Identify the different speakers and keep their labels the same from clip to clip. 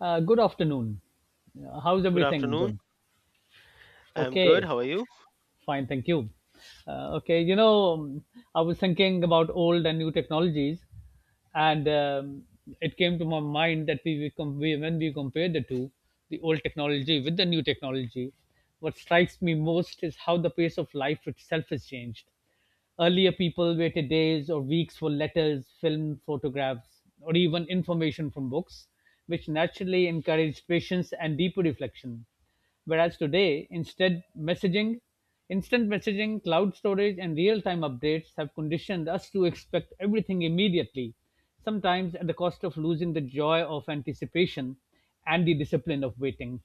Speaker 1: Good afternoon. How's
Speaker 2: Good
Speaker 1: everything
Speaker 2: afternoon.
Speaker 1: going?
Speaker 2: I'm good.
Speaker 1: Okay,
Speaker 2: How are you?
Speaker 1: fine, thank you. Uh, okay, you know, um, I was thinking about old and new technologies, and it came to my mind that we, com- we when we compare the two, the old technology with the new technology, what strikes me most is how the pace of life itself has changed. Earlier, people waited days or weeks for letters, film, photographs, or even information from books, which naturally encouraged patience and deeper reflection. Whereas today, instead, messaging, instant messaging, cloud storage, and real time updates have conditioned us to expect everything immediately, sometimes at the cost of losing the joy of anticipation and the discipline of waiting.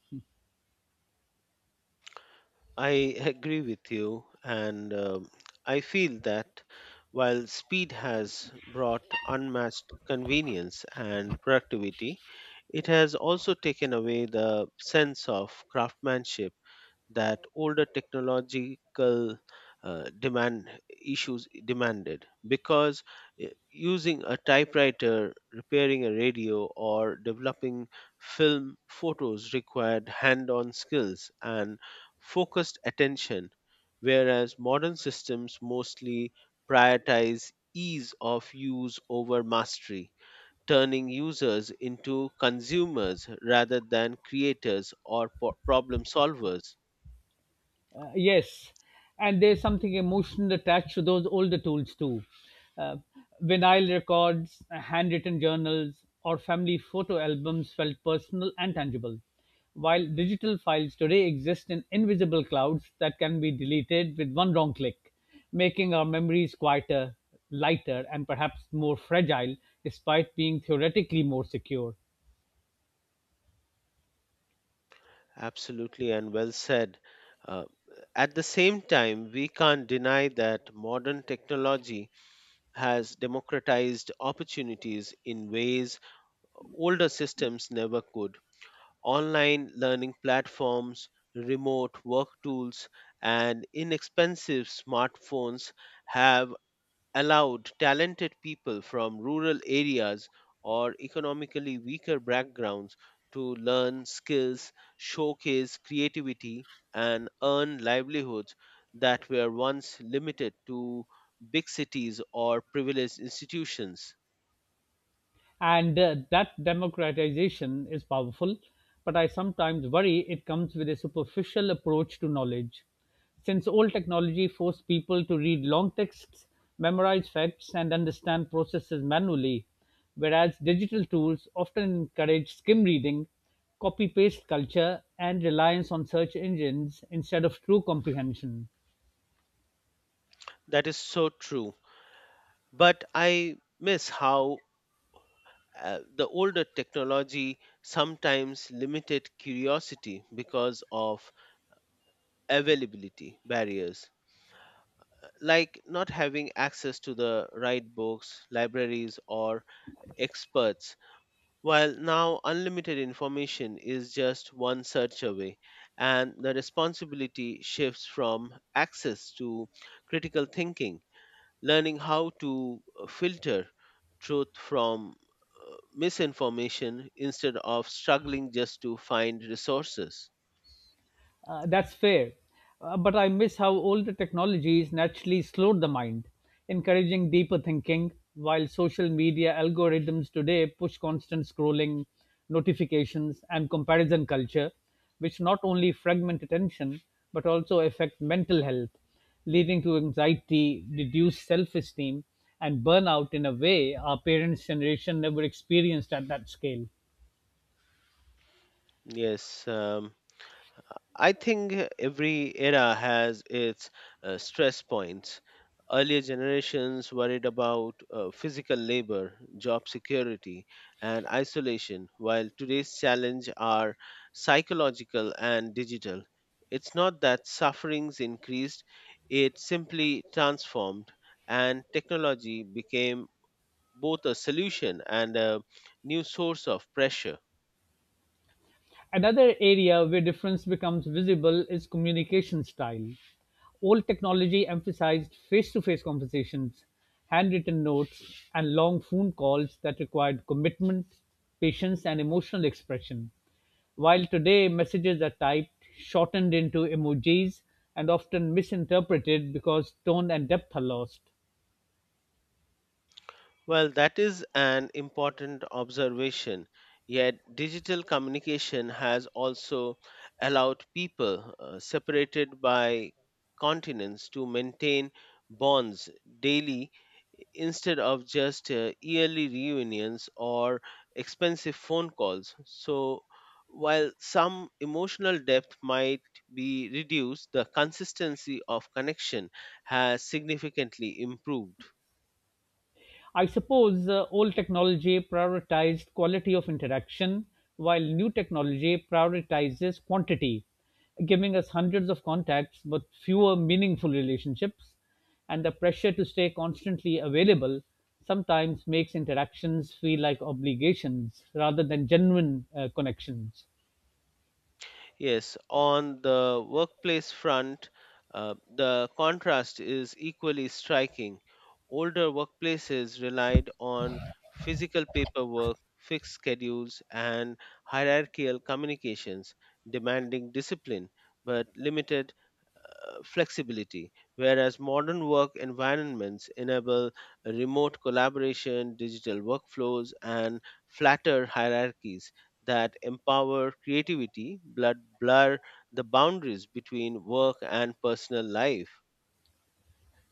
Speaker 2: I agree with you. And I feel that while speed has brought unmatched convenience and productivity, it has also taken away the sense of craftsmanship that older technological demand issues demanded because using a typewriter, repairing a radio, or developing film photos required hand-on skills and focused attention, whereas modern systems mostly prioritize ease of use over mastery, turning users into consumers rather than creators or problem solvers.
Speaker 1: Yes, and there's something emotional attached to those older tools too. Uh, Vinyl records, handwritten journals, or family photo albums felt personal and tangible, while digital files today exist in invisible clouds that can be deleted with one wrong click, making our memories quieter, lighter, and perhaps more fragile despite being theoretically more secure.
Speaker 2: Absolutely, and well said. Uh, at the same time, we can't deny that modern technology has democratized opportunities in ways older systems never could. Online learning platforms, remote work tools, and inexpensive smartphones have allowed talented people from rural areas or economically weaker backgrounds to learn skills, showcase creativity, and earn livelihoods that were once limited to big cities or privileged institutions.
Speaker 1: And that democratization is powerful, but I sometimes worry it comes with a superficial approach to knowledge. Since old technology forced people to read long texts, memorize facts, and understand processes manually, whereas digital tools often encourage skim reading, copy paste culture, and reliance on search engines instead of true comprehension.
Speaker 2: That is so true. But I miss how the older technology sometimes limited curiosity because of availability barriers, like not having access to the right books, libraries, or experts, while now unlimited information is just one search away, and the responsibility shifts from access to critical thinking, learning how to filter truth from misinformation instead of struggling just to find resources.
Speaker 1: That's fair. But I miss how older technologies naturally slowed the mind, encouraging deeper thinking, while social media algorithms today push constant scrolling, notifications, and comparison culture, which not only fragment attention but also affect mental health, leading to anxiety, reduced self esteem, and burnout in a way our parents' generation never experienced at that scale.
Speaker 2: Yes, I think every era has its stress points. Earlier generations worried about physical labor, job security, and isolation, while today's challenge are psychological and digital. It's not that suffering's increased, it simply transformed, and technology became both a solution and a new source of pressure.
Speaker 1: Another area where difference becomes visible is communication style. Old technology emphasized face to face conversations, handwritten notes, and long phone calls that required commitment, patience, and emotional expression. While today messages are typed, shortened into emojis, and often misinterpreted because tone and depth are lost.
Speaker 2: Well, that is an important observation. Yet, digital communication has also allowed people separated by continents to maintain bonds daily instead of just yearly reunions or expensive phone calls. So, while some emotional depth might be reduced, the consistency of connection has significantly improved.
Speaker 1: I suppose old technology prioritized quality of interaction, while new technology prioritizes quantity, giving us hundreds of contacts but fewer meaningful relationships. And the pressure to stay constantly available sometimes makes interactions feel like obligations rather than genuine connections.
Speaker 2: Yes, on the workplace front, the contrast is equally striking. Older workplaces relied on physical paperwork, fixed schedules, and hierarchical communications, demanding discipline but limited flexibility, whereas modern work environments enable remote collaboration, digital workflows, and flatter hierarchies that empower creativity but blur the boundaries between work and personal life.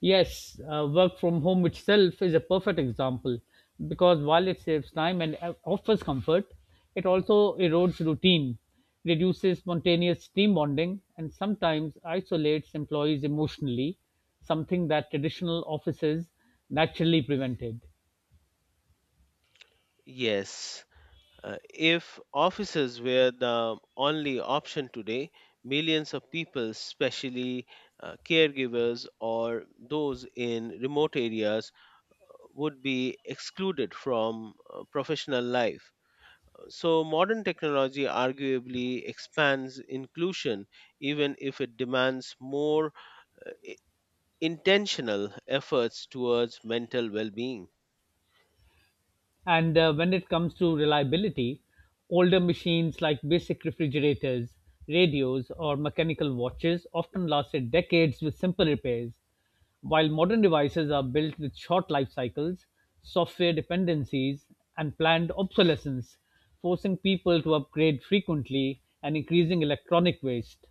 Speaker 1: Yes, work from home itself is a perfect example because while it saves time and offers comfort, it also erodes routine, reduces spontaneous team bonding, and sometimes isolates employees emotionally, something that traditional offices naturally prevented.
Speaker 2: Yes, if offices were the only option today, millions of people, especially caregivers or those in remote areas, would be excluded from professional life. So, modern technology arguably expands inclusion, even if it demands more intentional efforts towards mental well being.
Speaker 1: And when it comes to reliability, older machines like basic refrigerators, radios, or mechanical watches often lasted decades with simple repairs, while modern devices are built with short life cycles, software dependencies, and planned obsolescence, forcing people to upgrade frequently and increasing electronic waste.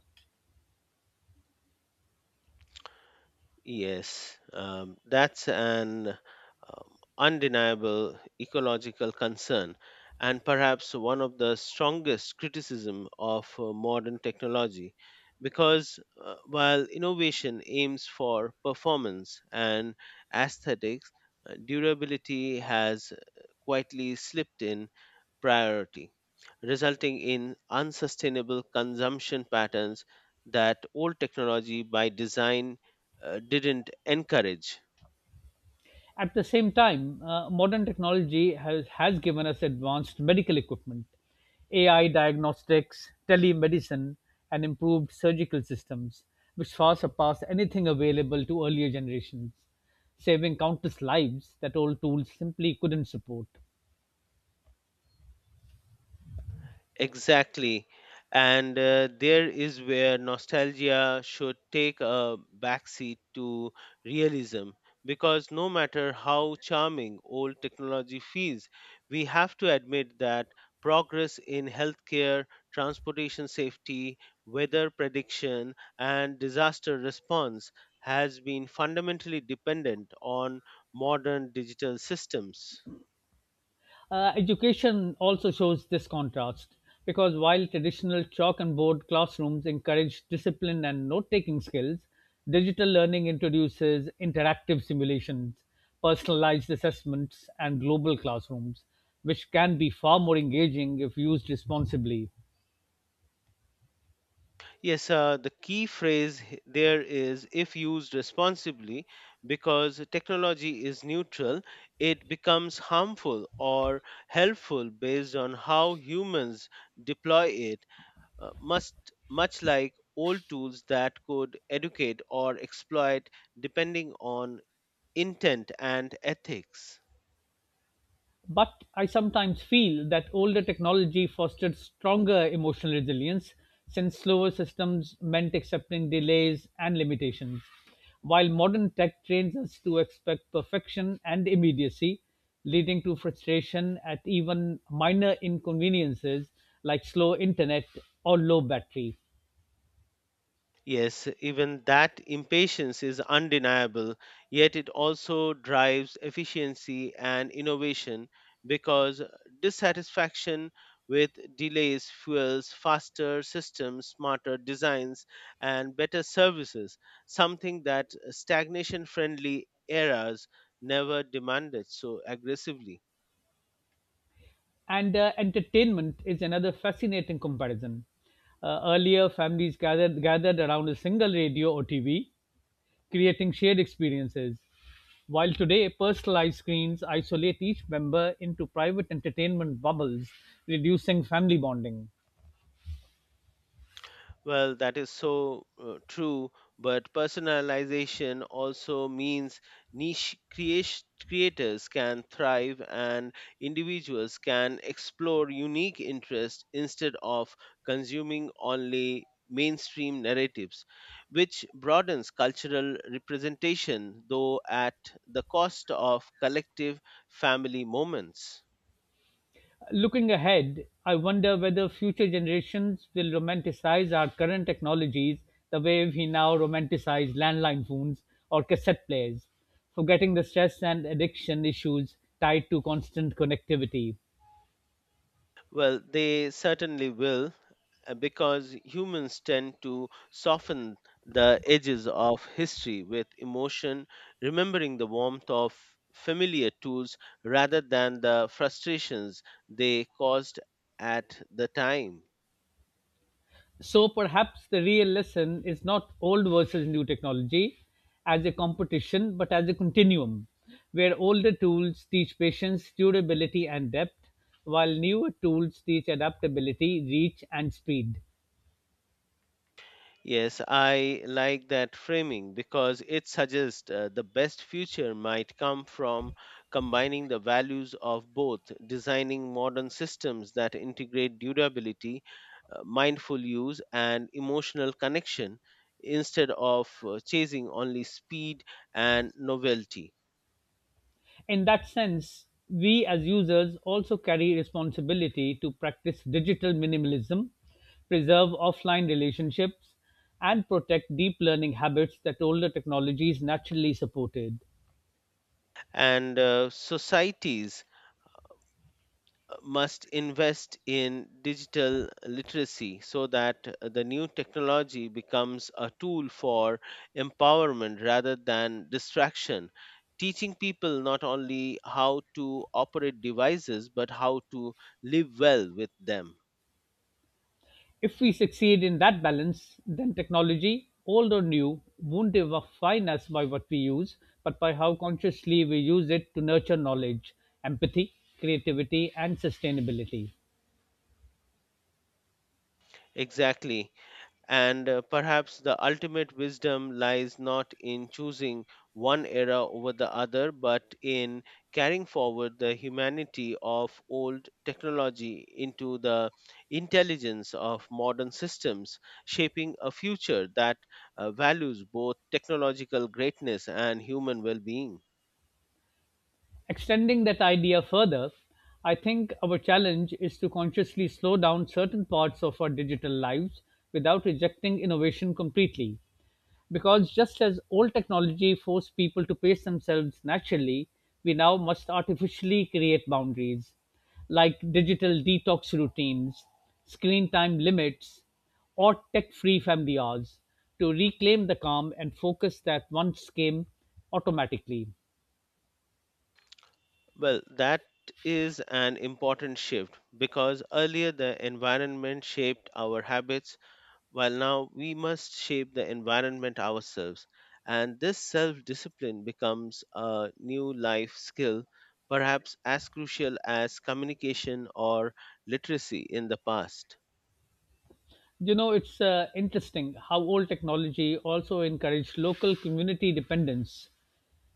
Speaker 2: Yes, that's an undeniable ecological concern, and perhaps one of the strongest criticism of modern technology, because while innovation aims for performance and aesthetics, durability has quietly slipped in priority, resulting in unsustainable consumption patterns that old technology by design didn't encourage.
Speaker 1: At the same time, modern technology has given us advanced medical equipment, AI diagnostics, telemedicine, and improved surgical systems, which far surpass anything available to earlier generations, saving countless lives that old tools simply couldn't support.
Speaker 2: Exactly. And there is where nostalgia should take a backseat to realism, because no matter how charming old technology feels, we have to admit that progress in healthcare, transportation safety, weather prediction, and disaster response has been fundamentally dependent on modern digital systems.
Speaker 1: Education also shows this contrast because while traditional chalk and board classrooms encourage discipline and note taking skills, digital learning introduces interactive simulations, personalized assessments, and global classrooms, which can be far more engaging if used responsibly.
Speaker 2: Yes, the key phrase there is if used responsibly, because technology is neutral, it becomes harmful or helpful based on how humans deploy it, uh, must, much like old tools that could educate or exploit depending on intent and ethics.
Speaker 1: But I sometimes feel that older technology fostered stronger emotional resilience since slower systems meant accepting delays and limitations. While modern tech trains us to expect perfection and immediacy, leading to frustration at even minor inconveniences like slow internet or low battery.
Speaker 2: Yes, even that impatience is undeniable, yet it also drives efficiency and innovation because dissatisfaction with delays fuels faster systems, smarter designs, and better services, something that stagnation friendly eras never demanded so aggressively.
Speaker 1: And entertainment is another fascinating comparison. Earlier, families gathered around a single radio or TV, creating shared experiences. While today, personalized screens isolate each member into private entertainment bubbles, reducing family bonding.
Speaker 2: Well, that is so true, but personalization also means creators can thrive, and individuals can explore unique interests instead of consuming only mainstream narratives, which broadens cultural representation, though at the cost of collective family moments.
Speaker 1: Looking ahead, I wonder whether future generations will romanticize our current technologies the way we now romanticize landline phones or cassette players, forgetting the stress and addiction issues tied to constant connectivity.
Speaker 2: Well, they certainly will, because humans tend to soften the edges of history with emotion, remembering the warmth of familiar tools rather than the frustrations they caused at the time.
Speaker 1: So perhaps the real lesson is not old versus new technology as a competition, but as a continuum, where older tools teach patience, durability, and depth, while newer tools teach adaptability, reach, and speed.
Speaker 2: Yes, I like that framing because it suggests the best future might come from combining the values of both, designing modern systems that integrate durability, mindful use, and emotional connection instead of chasing only speed and novelty.
Speaker 1: In that sense, we as users also carry responsibility to practice digital minimalism, preserve offline relationships, and protect deep learning habits that older technologies naturally supported.
Speaker 2: And societies must invest in digital literacy so that the new technology becomes a tool for empowerment rather than distraction, teaching people not only how to operate devices but how to live well with them.
Speaker 1: If we succeed in that balance, then technology, old or new, won't define us by what we use, but by how consciously we use it to nurture knowledge, empathy, creativity, and sustainability.
Speaker 2: Exactly. And perhaps the ultimate wisdom lies not in choosing one era over the other, but in carrying forward the humanity of old technology into the intelligence of modern systems, shaping a future that values both technological greatness and human well being.
Speaker 1: Extending that idea further, I think our challenge is to consciously slow down certain parts of our digital lives without rejecting innovation completely. Because just as old technology forced people to pace themselves naturally, we now must artificially create boundaries, like digital detox routines, screen time limits, or tech free family hours, to reclaim the calm and focus that once came automatically.
Speaker 2: Well, that is an important shift because earlier the environment shaped our habits, while now we must shape the environment ourselves. And this self discipline becomes a new life skill, perhaps as crucial as communication or literacy in the past.
Speaker 1: You know, it's interesting how old technology also encouraged local community dependence.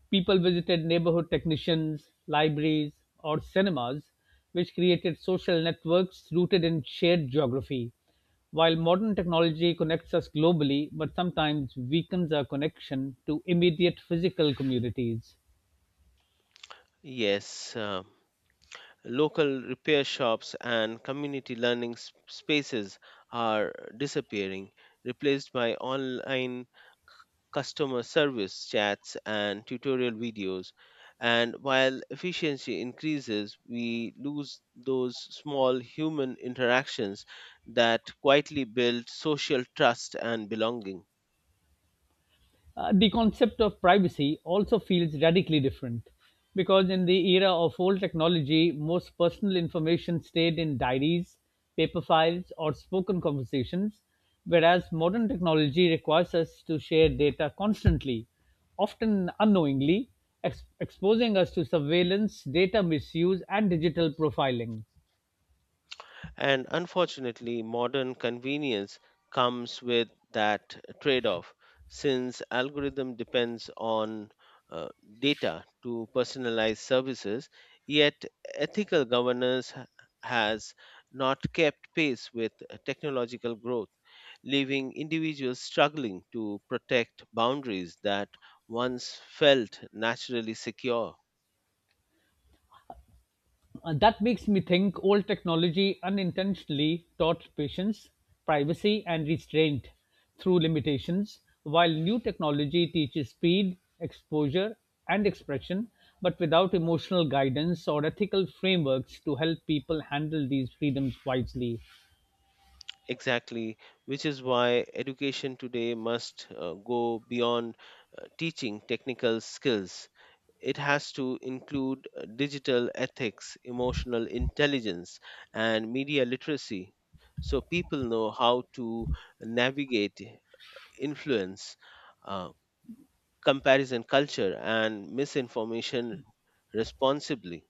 Speaker 1: People visited neighborhood technicians, libraries, or cinemas, which created social networks rooted in shared geography. While modern technology connects us globally, but sometimes weakens our connection to immediate physical communities.
Speaker 2: Yes, local repair shops and community learning spaces are disappearing, replaced by online customer service chats and tutorial videos. And while efficiency increases, we lose those small human interactions that quietly build social trust and belonging.
Speaker 1: The concept of privacy also feels radically different because in the era of old technology, most personal information stayed in diaries, paper files, or spoken conversations, whereas modern technology requires us to share data constantly, often unknowingly, exposing us to surveillance, data misuse, and digital profiling.
Speaker 2: And unfortunately, modern convenience comes with that trade off, since algorithm depends on uh, data to personalize services, yet ethical governance has not kept pace with technological growth, leaving individuals struggling to protect boundaries that once felt naturally secure.
Speaker 1: That makes me think old technology unintentionally taught patience, privacy, and restraint through limitations, while new technology teaches speed, exposure, and expression, but without emotional guidance or ethical frameworks to help people handle these freedoms wisely.
Speaker 2: Exactly, which is why education today must go beyond teaching technical skills. It has to include digital ethics, emotional intelligence, and media literacy, so people know how to navigate influence, uh, comparison culture, and misinformation responsibly.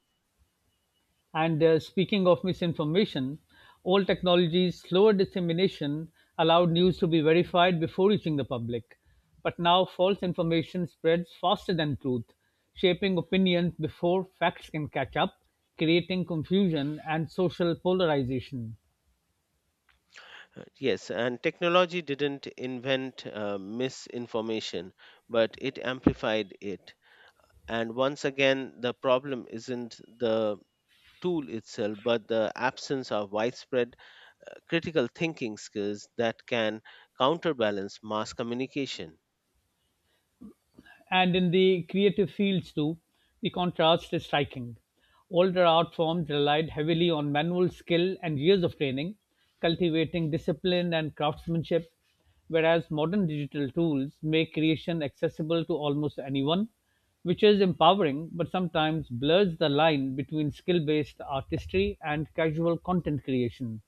Speaker 1: And speaking of misinformation, old technology's slower dissemination allowed news to be verified before reaching the public. But now false information spreads faster than truth, shaping opinions before facts can catch up, creating confusion and social polarization.
Speaker 2: Yes, and technology didn't invent misinformation, but it amplified it. And once again, the problem isn't the tool itself, but the absence of widespread critical thinking skills that can counterbalance mass communication.
Speaker 1: And in the creative fields too, the contrast is striking. Older art forms relied heavily on manual skill and years of training, cultivating discipline and craftsmanship, whereas modern digital tools make creation accessible to almost anyone, which is empowering but sometimes blurs the line between skill based artistry and casual content creation.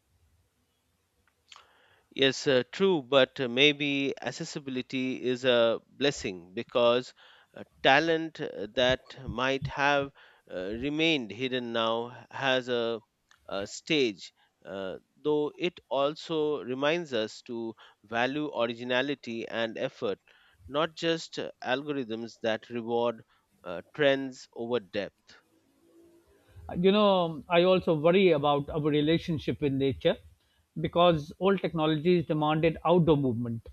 Speaker 2: Yes, true, but maybe accessibility is a blessing, because talent that might have remained hidden now has a stage, uh, though it also reminds us to value originality and effort, not just algorithms that reward trends over depth.
Speaker 1: You know, I also worry about our relationship with nature because old technologies demanded outdoor movement,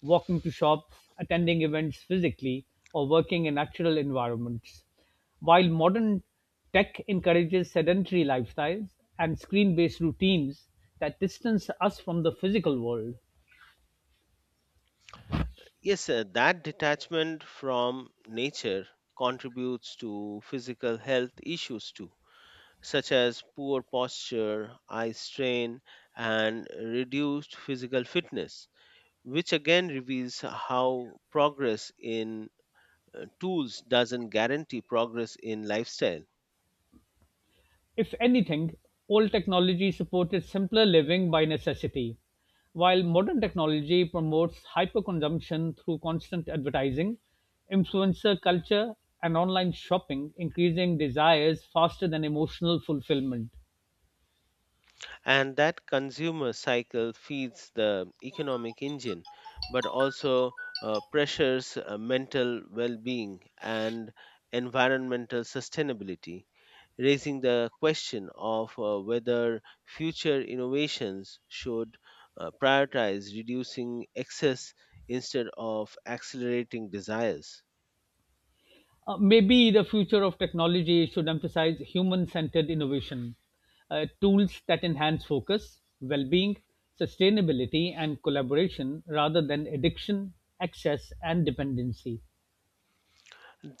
Speaker 1: walking to shops, attending events physically, or working in natural environments. While modern tech encourages sedentary lifestyles and screen based routines that distance us from the physical world.
Speaker 2: Yes, that detachment from nature contributes to physical health issues too, such as poor posture, eye strain, and reduced physical fitness, which again reveals how progress in tools doesn't guarantee progress in lifestyle.
Speaker 1: If anything, old technology supported simpler living by necessity, while modern technology promotes hyperconsumption through constant advertising, influencer culture, and online shopping, increasing desires faster than emotional fulfillment.
Speaker 2: And that consumer cycle feeds the economic engine, but also pressures mental well being and environmental sustainability, raising the question of whether future innovations should prioritize reducing excess instead of accelerating desires.
Speaker 1: Maybe the future of technology should emphasize human centered innovation, tools that enhance focus, well being, sustainability, and collaboration rather than addiction, excess, and dependency.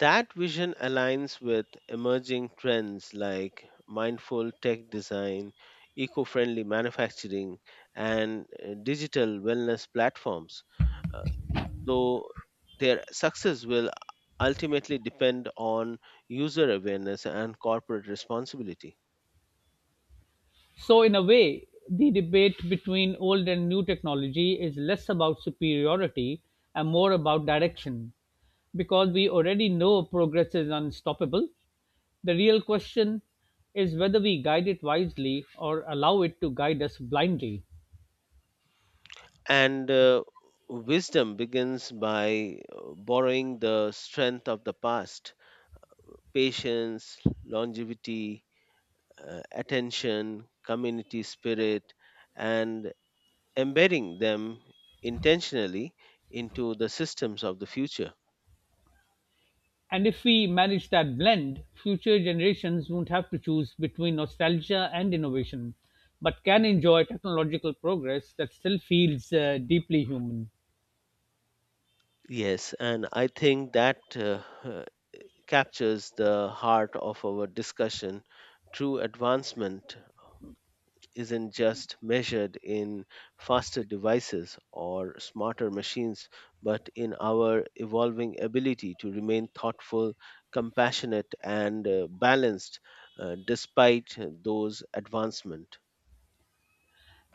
Speaker 2: That vision aligns with emerging trends like mindful tech design, eco friendly manufacturing, and digital wellness platforms, uh, though their success will ultimately depend on user awareness and corporate responsibility.
Speaker 1: So, in a way, the debate between old and new technology is less about superiority and more about direction. Because we already know progress is unstoppable, the real question is whether we guide it wisely or allow it to guide us blindly.
Speaker 2: And wisdom begins by borrowing the strength of the past: patience, longevity, attention, community spirit, and embedding them intentionally into the systems of the future.
Speaker 1: And if we manage that blend, future generations won't have to choose between nostalgia and innovation, but can enjoy technological progress that still feels deeply human.
Speaker 2: Yes, and I think that captures the heart of our discussion. True advancement isn't just measured in faster devices or smarter machines, but in our evolving ability to remain thoughtful, compassionate, and balanced despite those advancements.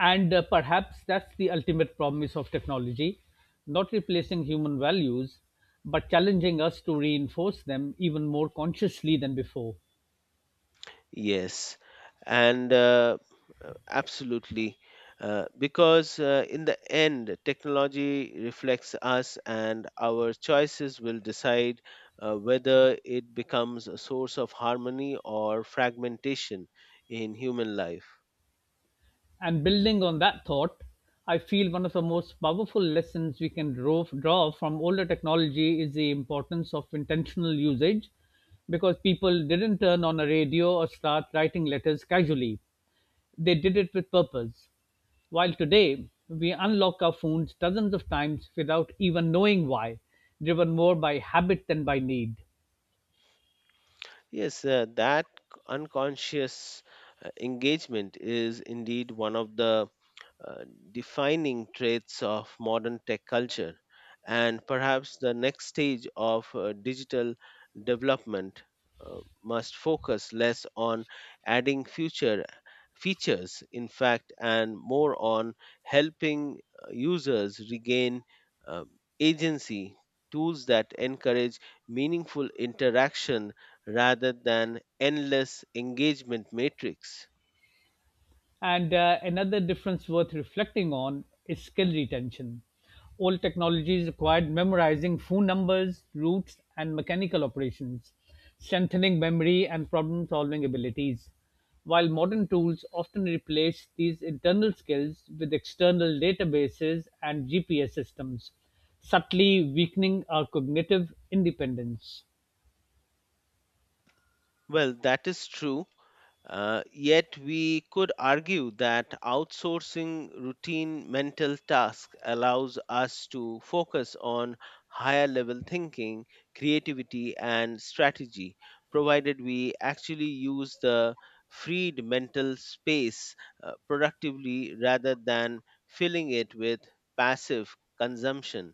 Speaker 1: And perhaps that's the ultimate promise of technology, not replacing human values, but challenging us to reinforce them even more consciously than before.
Speaker 2: Yes, and absolutely. Because in the end, technology reflects us, and our choices will decide whether it becomes a source of harmony or fragmentation in human life.
Speaker 1: And building on that thought, I feel one of the most powerful lessons we can draw from older technology is the importance of intentional usage because people didn't turn on a radio or start writing letters casually. They did it with purpose. While today, we unlock our phones dozens of times without even knowing why, driven more by habit than by need.
Speaker 2: Yes, that unconscious engagement is indeed one of the uh, defining traits of modern tech culture, and perhaps the next stage of digital development must focus less on adding future features in fact and more on helping users regain uh, agency, tools that encourage meaningful interaction rather than endless engagement matrix.
Speaker 1: And another difference worth reflecting on is skill retention. Old technologies required memorizing phone numbers, routes, and mechanical operations, strengthening memory and problem solving abilities. While modern tools often replace these internal skills with external databases and GPS systems, subtly weakening our cognitive independence.
Speaker 2: Well, that is true. Yet we could argue that outsourcing routine mental tasks allows us to focus on higher level thinking, creativity, and strategy, provided we actually use the freed mental space productively rather than filling it with passive consumption.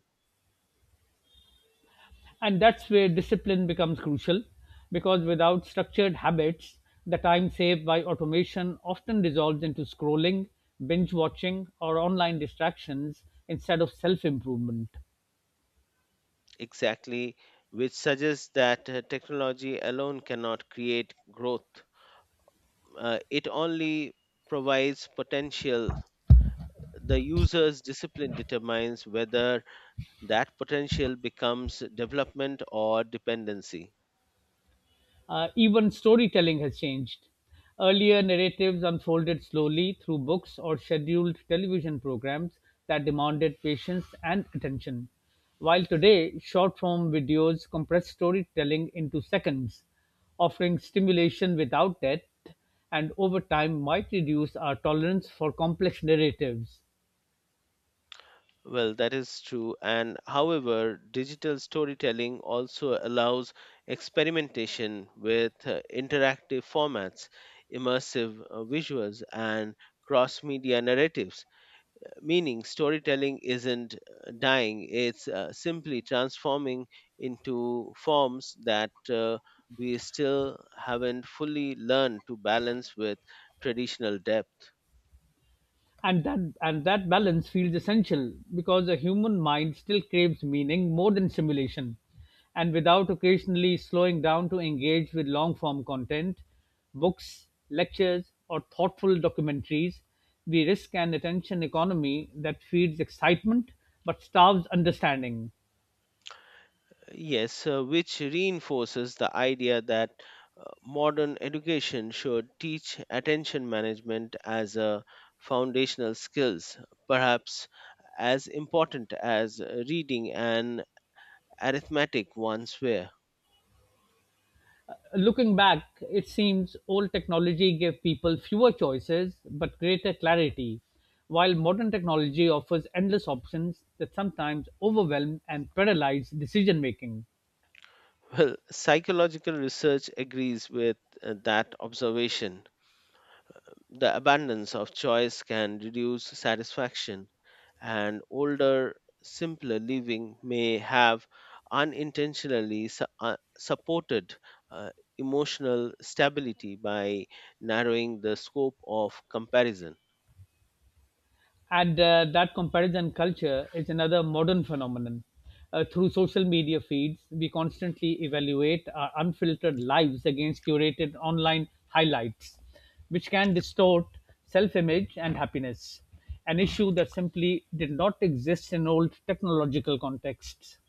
Speaker 1: And that's where discipline becomes crucial because without structured habits, the time saved by automation often dissolves into scrolling, binge watching, or online distractions instead of self improvement.
Speaker 2: Exactly, which suggests that technology alone cannot create growth. It only provides potential. The user's discipline determines whether that potential becomes development or dependency.
Speaker 1: Even storytelling has changed. Earlier, narratives unfolded slowly through books or scheduled television programs that demanded patience and attention. While today, short form videos compress storytelling into seconds, offering stimulation without depth, and over time might reduce our tolerance for complex narratives.
Speaker 2: Well, that is true. And however, digital storytelling also allows experimentation with interactive formats, immersive visuals, and cross media narratives, meaning storytelling isn't dying, it's simply transforming into forms that we still haven't fully learned to balance with traditional depth.
Speaker 1: And that balance feels essential because the human mind still craves meaning more than simulation, and without occasionally slowing down to engage with long form content, books, lectures, or thoughtful documentaries, we risk an attention economy that feeds excitement but starves understanding.
Speaker 2: Yes, which reinforces the idea that modern education should teach attention management as a foundational skills, perhaps as important as reading and arithmetic once were.
Speaker 1: Looking back, it seems old technology gave people fewer choices but greater clarity, while modern technology offers endless options that sometimes overwhelm and paralyze decision making.
Speaker 2: Well, psychological research agrees with that observation. The abundance of choice can reduce satisfaction, and older, simpler living may have unintentionally supported uh, emotional stability by narrowing the scope of comparison.
Speaker 1: And that comparison culture is another modern phenomenon. Through social media feeds, we constantly evaluate our unfiltered lives against curated online highlights, which can distort self image and happiness, an issue that simply did not exist in old technological contexts.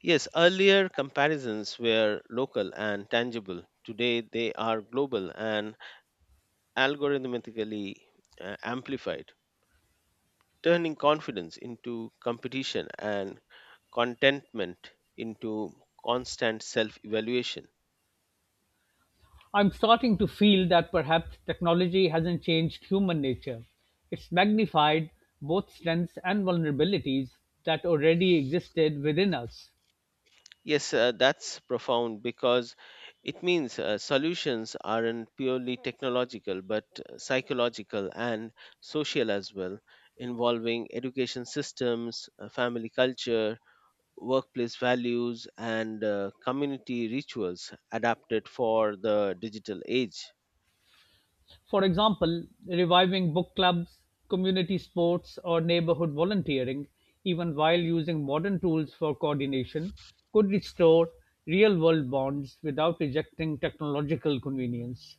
Speaker 2: Yes, earlier comparisons were local and tangible. Today, they are global and algorithmically amplified, turning confidence into competition and contentment into constant self evaluation.
Speaker 1: I'm starting to feel that perhaps technology hasn't changed human nature. It's magnified both strengths and vulnerabilities that already existed within us.
Speaker 2: Yes, that's profound, because it means solutions aren't purely technological but psychological and social as well, involving education systems, family culture, workplace values, and community rituals adapted for the digital age.
Speaker 1: For example, reviving book clubs, community sports, or neighborhood volunteering, even while using modern tools for coordination, could restore real world bonds without rejecting technological convenience.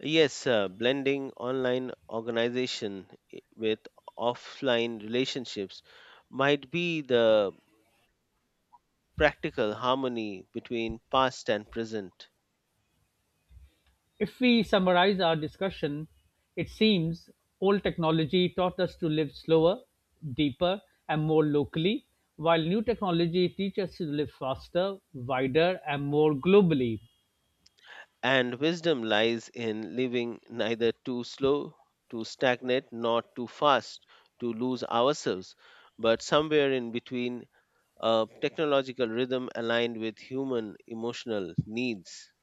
Speaker 2: Yes, blending online organization with offline relationships might be the practical harmony between past and present.
Speaker 1: If we summarize our discussion, it seems old technology taught us to live slower, deeper, and more locally, while new technology teaches us to live faster, wider, and more globally.
Speaker 2: And wisdom lies in living neither too slow, too stagnant, nor too fast to lose ourselves, but somewhere in between, a technological rhythm aligned with human emotional needs.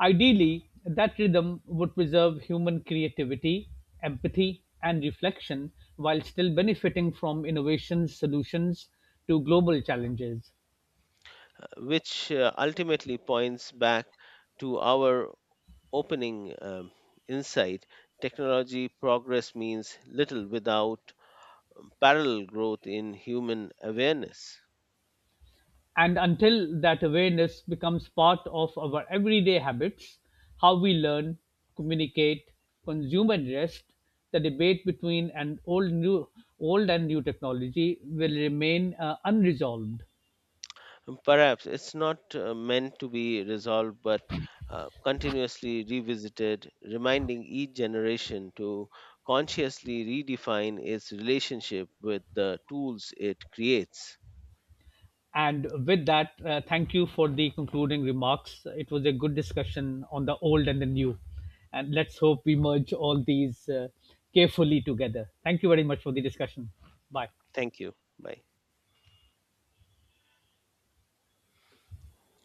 Speaker 1: Ideally, that rhythm would preserve human creativity, empathy, and reflection while still benefiting from innovations, solutions to global challenges.
Speaker 2: Which ultimately points back to our opening insight: technology progress means little without parallel growth in human awareness.
Speaker 1: And until that awareness becomes part of our everyday habits, how we learn, communicate, consume, and rest, the debate between an old, new, old and new technology will remain unresolved.
Speaker 2: And perhaps it's not meant to be resolved but continuously revisited, reminding each generation to consciously redefine its relationship with the tools it creates.
Speaker 1: And with that, thank you for the concluding remarks. It was a good discussion on the old and the new. And let's hope we merge all these carefully together. Thank you very much for the discussion. Bye.
Speaker 2: Thank you. Bye.